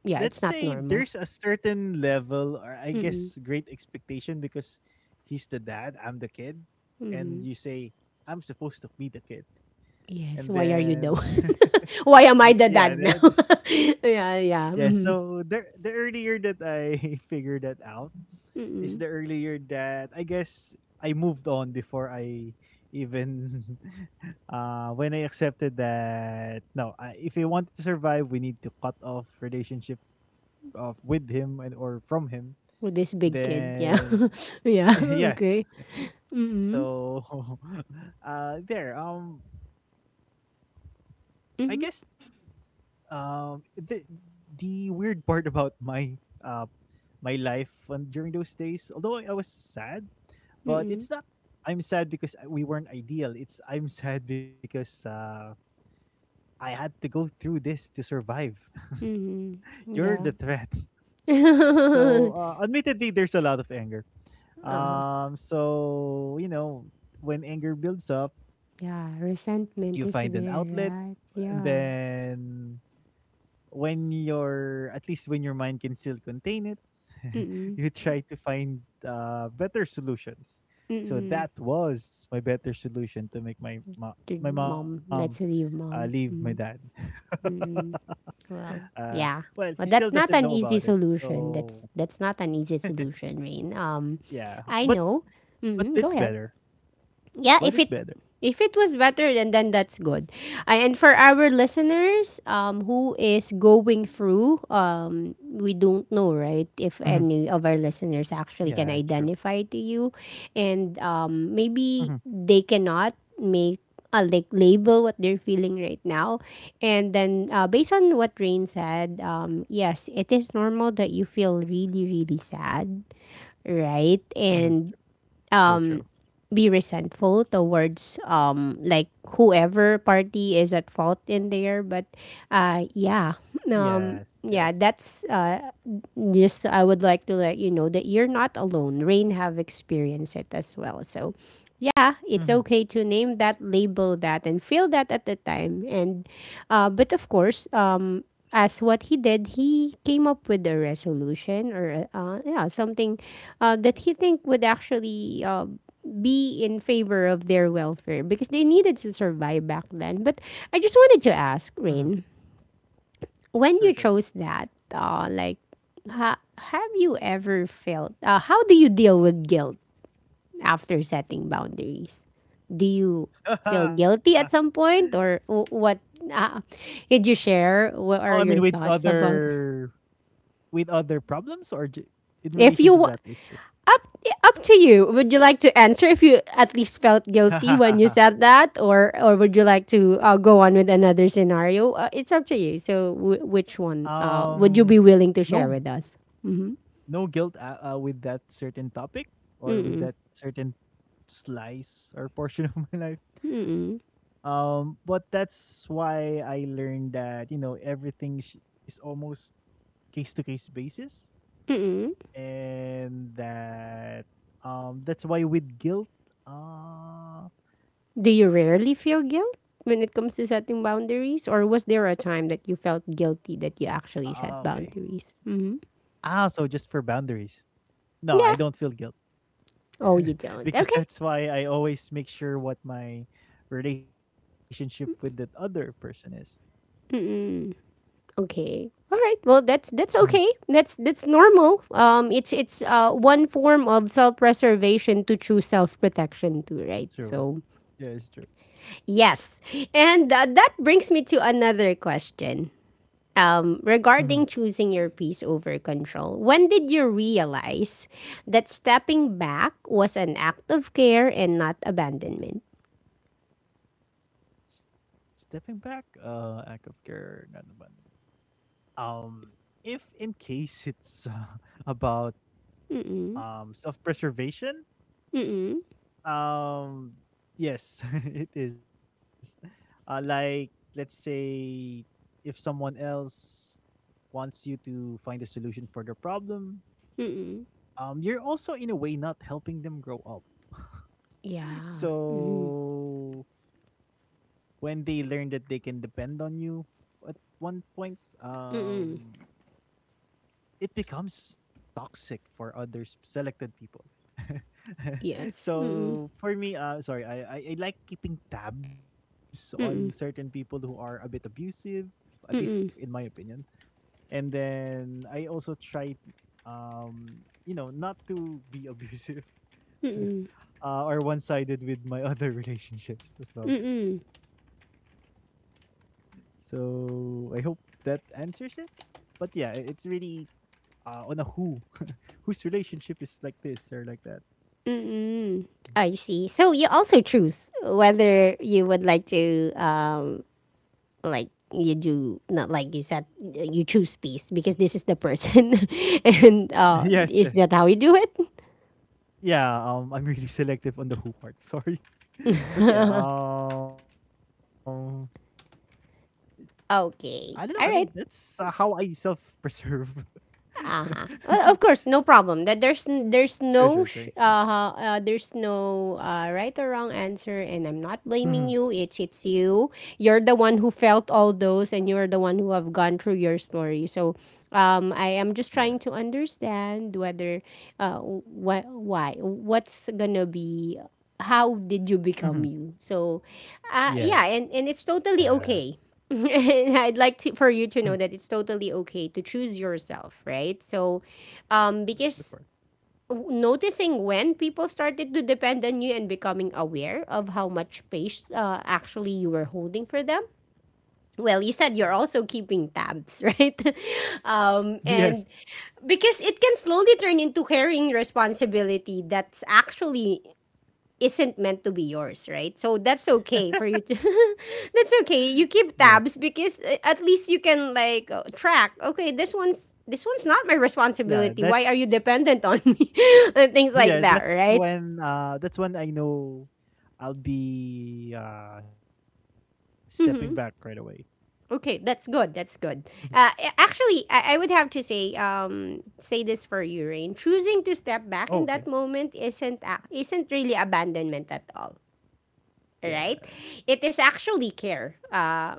Yeah, Let's it's not say normal. there's a certain level or I Mm-mm. guess great expectation because he's the dad, I'm the kid, and Mm-hmm. you say I'm supposed to be the kid, and Yes. Why are you then the? Why am th- I the yeah, dad the- now? this- Yeah, yeah. yeah. Mm-hmm. So the earlier that I figured that out is Mm-mm. the earlier that I guess I moved on before I even when I accepted that, no, I, if we wanted to survive, we need to cut off relationships with him and, or from him, With this big kid. Yeah, then yeah. yes. Okay. Mm-hmm. So there. I guess Mm-hmm. um the the weird part about my uh my life on, during those days, although I was sad, but it's not. Mm-mm. I'm sad because I- we weren't ideal. It's, I'm sad because I had to go through this to survive. Mm-mm. You're Yeah. the threat. So Uh-huh. Admittedly, there's a lot of anger. So you know, when anger builds up, Yeah. you Resentment find is an there, outlet, right? and Yeah. then when your, at least when your mind can still contain it, Mm-mm. you try to find better solutions. So Mm-mm. that was my better solution, to make my my Dude, mom mom, let's leave leave mom. my dad. Well, uh, yeah. well, he But still that's doesn't not know an about easy it. solution. So That's not an easy solution, Rain. Yeah, I know. but Mm-hmm. Go it's ahead. better. Yeah, But if it's it better. if it was better, then that's good. And for our listeners, who is going through, we don't know, right, Mhm. if any of our listeners Yeah, actually true. can identify to you, and, Mhm. maybe they cannot, make like, label what they're feeling right now, and then, based on what Rain said, yes, it is normal that you feel really, really sad, right, Mhm. True, and, true, true. um be resentful towards, like, whoever party is at fault in there, but, yeah, Yes, yes. yeah, that's, just, I would like to let you know that you're not alone. Rain have experienced it as well. So yeah, it's Mhm, okay to name that, label that, and feel that at the time. And, but of course, as what he did, he came up with a resolution, or, yeah, something, that he think would actually, be in favor of their welfare, because they needed to survive back then. But I just wanted to ask mhm. Rain, Sure, when you sure. chose that, like, have you ever felt? How do you deal with guilt after setting boundaries? Do you feel guilty at some point, or what? Uh, did you share? Oh, What I are mean, your with thoughts about? other, with other problems or ju in If you wa- relation to that issue? up up to you, would you like to answer? If you at least felt guilty when you said that, or would you like to, go on with another scenario? It's up to you. So, which one would you be Um, willing to share no, with us? Mm-hmm. no guilt, with that certain topic, or Mm, with that certain slice or portion of my life. mm, But that's why I learned that, you know, everything sh is almost case-to-case basis. mm. And that, that's why with guilt uh Do you rarely feel guilt when it comes to setting boundaries, or was there a time that you felt guilty that you ah, actually okay. set boundaries? Ah, so just for boundaries, no, I don't Yeah. feel guilt, Oh, you because don't. Okay. that's why I always make sure what my relationship with that other person is. Mm-mm. Okay. All right. Well, that's Mhm. that's okay. That's normal. It's one form of self preservation to choose self protection too, right? True. So Yeah, it's true. yes, and that brings me to another question. Mhm. Regarding choosing your peace over control, when did you realize that stepping back was an act of care and not abandonment? Stepping back, act of care, not abandonment. um if in case it's about Mm-mm. Self-preservation. Mm-mm. Um, yes, it is. Like, let's say if someone else wants you to find a solution for their problem, Mm-mm. You're also in a way not helping them grow up. Yeah. So Mm-mm. when they learn that they can depend on you at 1 point, Mm-mm. it becomes toxic for other selected people. Yes. Mm-mm. So for me, sorry, I like keeping tabs on certain Mm-mm. people who are a bit abusive, at least in my Mm-mm. opinion. And then I also try, you know, not to be abusive. Mm-mm. Or one-sided with my other relationships as well. Mm-mm. So I hope that answers it. But yeah, it's really on a who whose relationship is like this or like that. I see. So you also choose whether you would like to, like you do not like you said, you choose peace because this is the person, Mm. and Yes, yes. is that how you do it? Yeah, I'm really selective on the who part. Sorry. But yeah, I don't know. I mean, Okay. that's All right. how I self preserve. Uh-huh. Well, of course, no problem. That There's Sure, sure. Thanks, thanks. There's no right or wrong answer, and I'm not blaming Mhm. you. It's you. You're the one who felt all those, and you're the one who have gone through your story. So, um, I am Yes. just trying to understand whether uh what's going to be, how did you Mhm. become you? So, yeah, Yeah. and it's totally okay. And Mhm. I'd like to, for you to know that it's totally okay to choose yourself, right? So, Mhm, of course. because noticing when people started to depend on you and becoming aware of how much space actually you were holding for them. Mhm. Well, you said you're also keeping tabs, right? Yes, Um, and because it can slowly turn into carrying responsibility that's actually isn't meant to be yours, right? So that's okay for you to That's yes. okay. You keep tabs because at least you can like track, okay, this one's not my Yeah, responsibility. Why are that's you dependent on me? And things yeah, like that, right? That's when I know I'll be stepping back right away. Mhm. Okay, that's Mhm. good. That's good. Actually, I would have to say say this for you, Rain. Choosing to Oh, step okay. back in that moment isn't really abandonment at all, Yeah, right? It is actually care.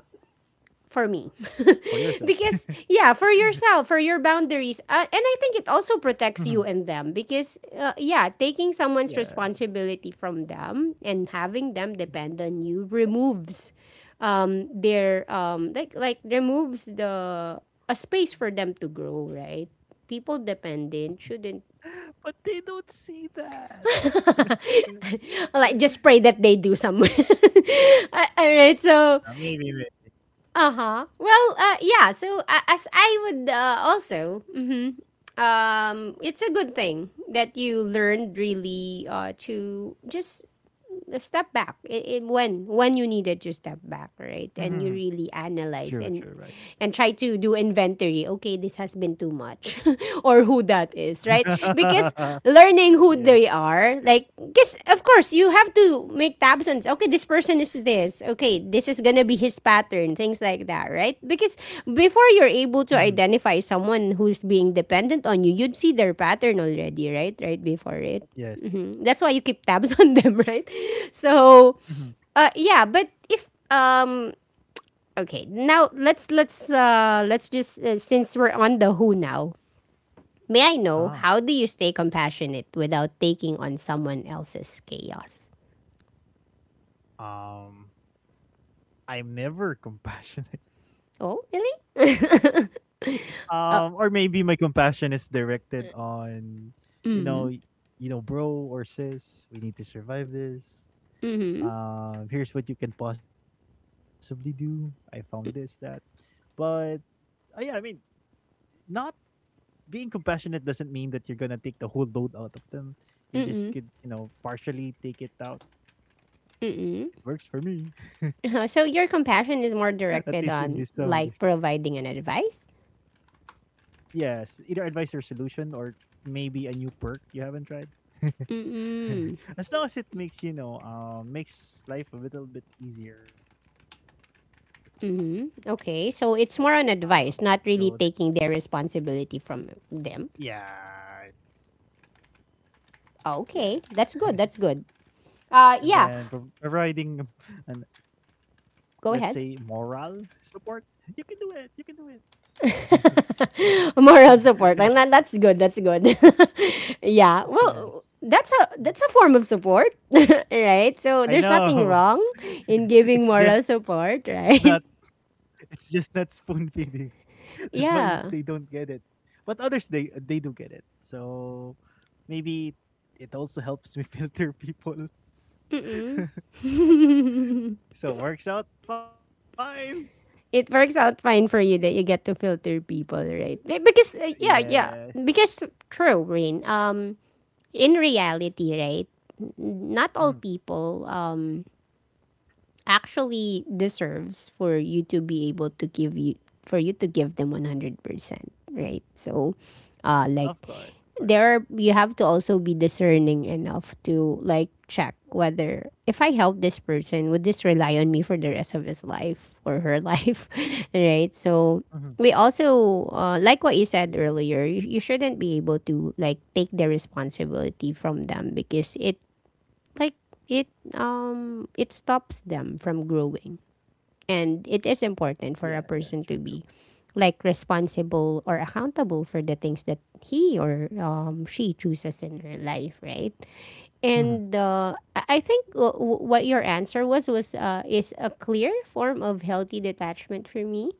for For me. yourself. Because yeah, for yourself, for your boundaries. And I think it Mhm. also protects you and them because yeah, taking Yeah. someone's responsibility from them and having them Mhm. depend on you removes their like removes the a space for them to grow, right? People dependent shouldn't But they don't see that. Uh, like just pray that they do somewhere. All right, Maybe, maybe. so uh huh. Well, yeah. So as I would also, it's a good thing that you learned really to just step back when you needed to step Mhm. back, right, and you True, really true, right. analyze and try to do inventory. Okay, this has been too much or who that is, right? Because Yes. learning who they are, like because of course you have to make tabs on, okay, this person is this, okay, this is gonna be his pattern, things like that, right? Because before Mhm. you're able to identify someone who's being dependent on you, you'd see their pattern already, right, right before it. Yes. Mhm. That's why you keep tabs on them, right? So, Mhm. Yeah. But if okay, now let's just since we're on the who now, may I Huh. know how do you stay compassionate without taking on someone else's chaos? Um I'm never compassionate. Oh, really? Or Oh, maybe my compassion is directed on, you know, you know, bro or sis, we need to survive this. mm-hmm. Here's what you can possibly do, I found this that, but yeah, I mean, not being compassionate doesn't mean that you're gonna take the whole load out of them. You just Mm-mm, could, you know, partially take it out. mm-mm. It works for me Uh-huh. So at your least in this compassion time is of the- more directed on like providing an advice. yes, either advice or solution, or maybe a new perk you haven't tried. As long as it makes, you know, makes life a little bit easier. Mhm. Okay. Uh-huh. So it's more on So advice, not really taking their responsibility from them. yeah. Okay. Yes. That's good. That's good. And Yeah. then providing an, let's say, Go ahead. moral support. You can do it, you can do it. Moral support. Like that, that's good. That's good. Yeah. Yeah, Well, that's a form of support, right? So there's I nothing know. wrong in giving It's moral just not. support, right? It's just not spoon feeding. That's why they don't Yeah. get it. But others, they do get it. So maybe it also helps me filter people. So works out fine. It works out fine for you that you get to filter people, right? Because yeah, Yeah. yeah. Because true, Rain. Um, in reality, right, not all Hmm. people actually deserves for you to be able to give you for you to give them 100%, right? So Of course, of like course. there are, you have to also be discerning enough to like check whether if I help this person would this rely on me for the rest of his life or her life, Hmm. right? So we also Yes. like what you said earlier, you shouldn't be able to like take the responsibility from them because it like it it stops them from growing, and it Yeah, is yeah, true, important true. for a person to be like responsible or accountable for the things that he or she chooses in her life, right? Hmm. And I think what your answer was is a clear form of healthy detachment for me,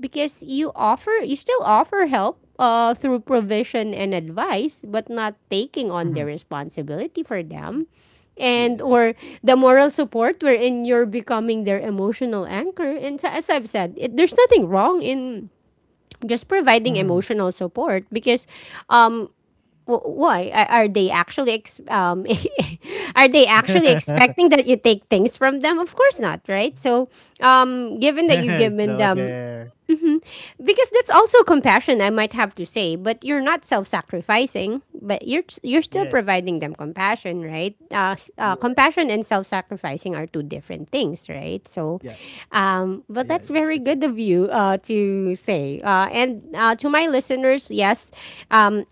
because you offer you still offer help through provision and advice, but not taking on the Hmm. responsibility for them, and or Yes. the moral support wherein you're becoming their emotional anchor and as I've said it, there's nothing wrong in just Hmm. providing emotional support, because um, wh- why are they actually ex- are they actually expecting that you take things from them? Of course not, right? So um, So given that you've there. given them, because that's also compassion, I might have to say, but you're not self-sacrificing, but you're still Yes. providing them compassion, right? Yeah. Compassion and self-sacrificing are two different things, right? So Yeah, yeah, yeah. True, true. but that's very good of you to say and to my listeners yes, um,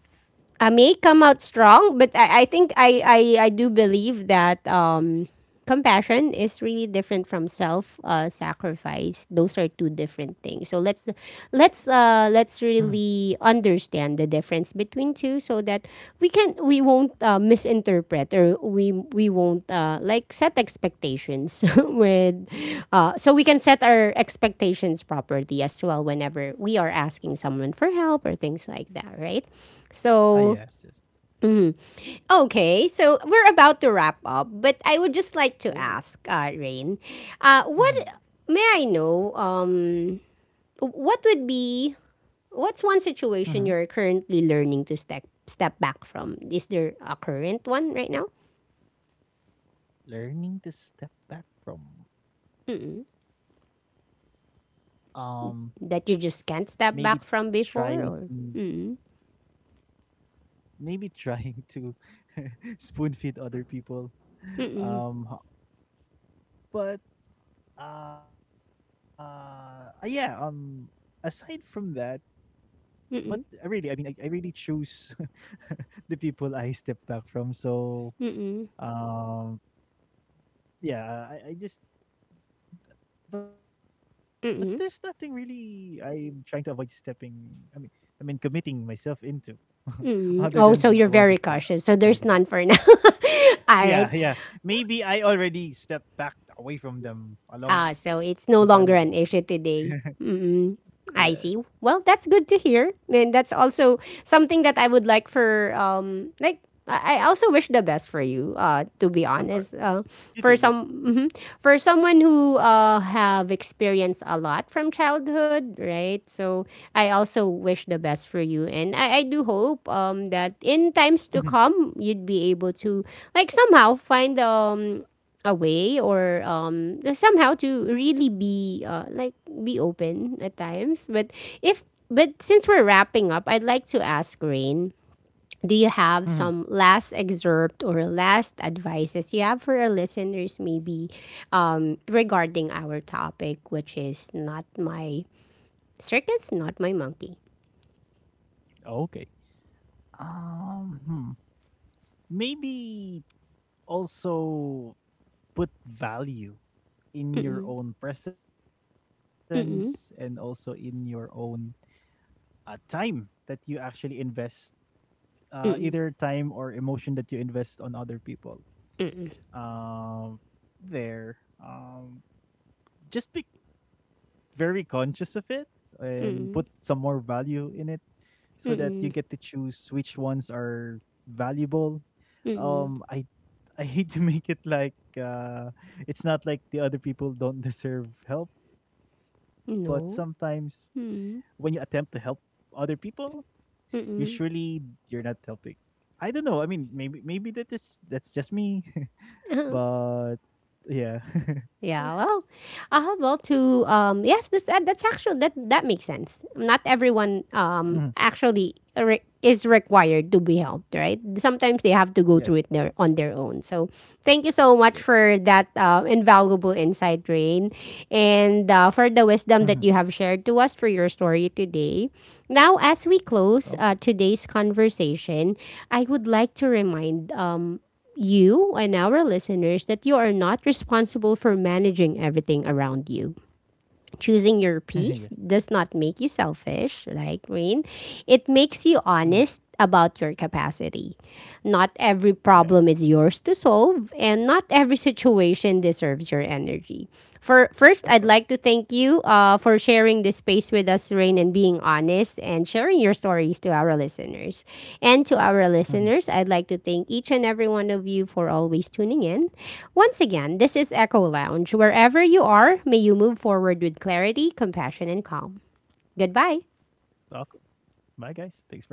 I may come out strong, but I think I do believe that compassion is really different from self sacrifice. Those are two different things. So let's Hmm. let's really understand the difference between two, so so that we can we won't misinterpret or we won't like set expectations with so we can set our expectations properly as well whenever we are asking someone for help or things like that, right? Ah, So yes, yes. okay, so we're about to wrap up, but I would just like to Oh. ask Rain, what Hmm. may I know um, what would be, what's one Hmm. situation you're currently learning to step back from? Is there a current one right now? Learning to step back from, Mm-mm. um That you maybe just can't step trying back from before or mm-mm. maybe trying to spoon feed other people. Mm-mm. Ho- but Yeah, aside from that, but really, I Mm-mm. mean, I really choose the people I step back from, so Mm-mm. um yeah, I just. But there's nothing Mm-mm. really I'm trying to avoid stepping. I mean, I mean, committing myself into, Mm-mm. other Oh, so than the you're ones that very I cautious. So there's already have. none for now. All right. Yeah, yeah. Maybe I already stepped back away from them a Ah, long so time it's ago. no longer an issue today. Mm. Yes, I see. Well, that's good to hear. And that's also something that I would like for um, like I also wish the best for you. To be of honest, course. Nice. for You too, some you too. mhm, for someone who uh, have experienced a lot from childhood, right? So I also wish the best for you, and I do hope um, that in times to Hmm. come you'd be able to like somehow find um, away or um, somehow to really be like be open at times, but if but since we're wrapping up, I'd like to ask Rain, do you Hmm. have some last excerpt or last advices you have for our listeners, maybe um, regarding our topic, which is not my circus not my monkey? Okay. Um, hmm. Maybe also put value in Mm-mm, your own presence and also mm-mm, in your own time that you actually invest, mm-mm, either time or emotion that you invest on other people. mm-mm, Um, there, um, just be very conscious of it and put mm-mm, some more value in it, so that you mm-mm, get to choose which ones are valuable. mm-mm. Um, I I hate to make it like it's not like the other people don't deserve help, but sometimes No. when you attempt to Mm-mm, help other people, usually mm-mm. you're not helping. I don't know. I mean, maybe that is, that's just me, but yeah. Yeah, well, to yes, this that's actually that that makes sense. Not everyone Mhm. um, actually is required to be helped, right? Sometimes they have to Yes. go through it their, on their own. So, thank you so much Yes. for that invaluable insight, Rain, and Mhm. For the wisdom that you have shared to us for your story today. Now, as we Okay. close today's conversation, I would like to remind um, you and our listeners that you are not responsible for managing everything around you. Choosing Yes. your peace does not make you selfish, like Rain? It makes Mhm. you honest about your capacity. Not every Yeah. problem is yours to solve, and not every situation deserves your energy. For first, Of I'd course. like to thank you for sharing this space with us, Rain, and being honest and sharing your stories to our listeners. And to our Mhm. listeners, I'd like to thank each and every one of you for always tuning in. Once again, this is Echo Lounge. Wherever you are, may you move forward with clarity, compassion, and calm. Goodbye. Of course. Bye, guys. Thanks for having us.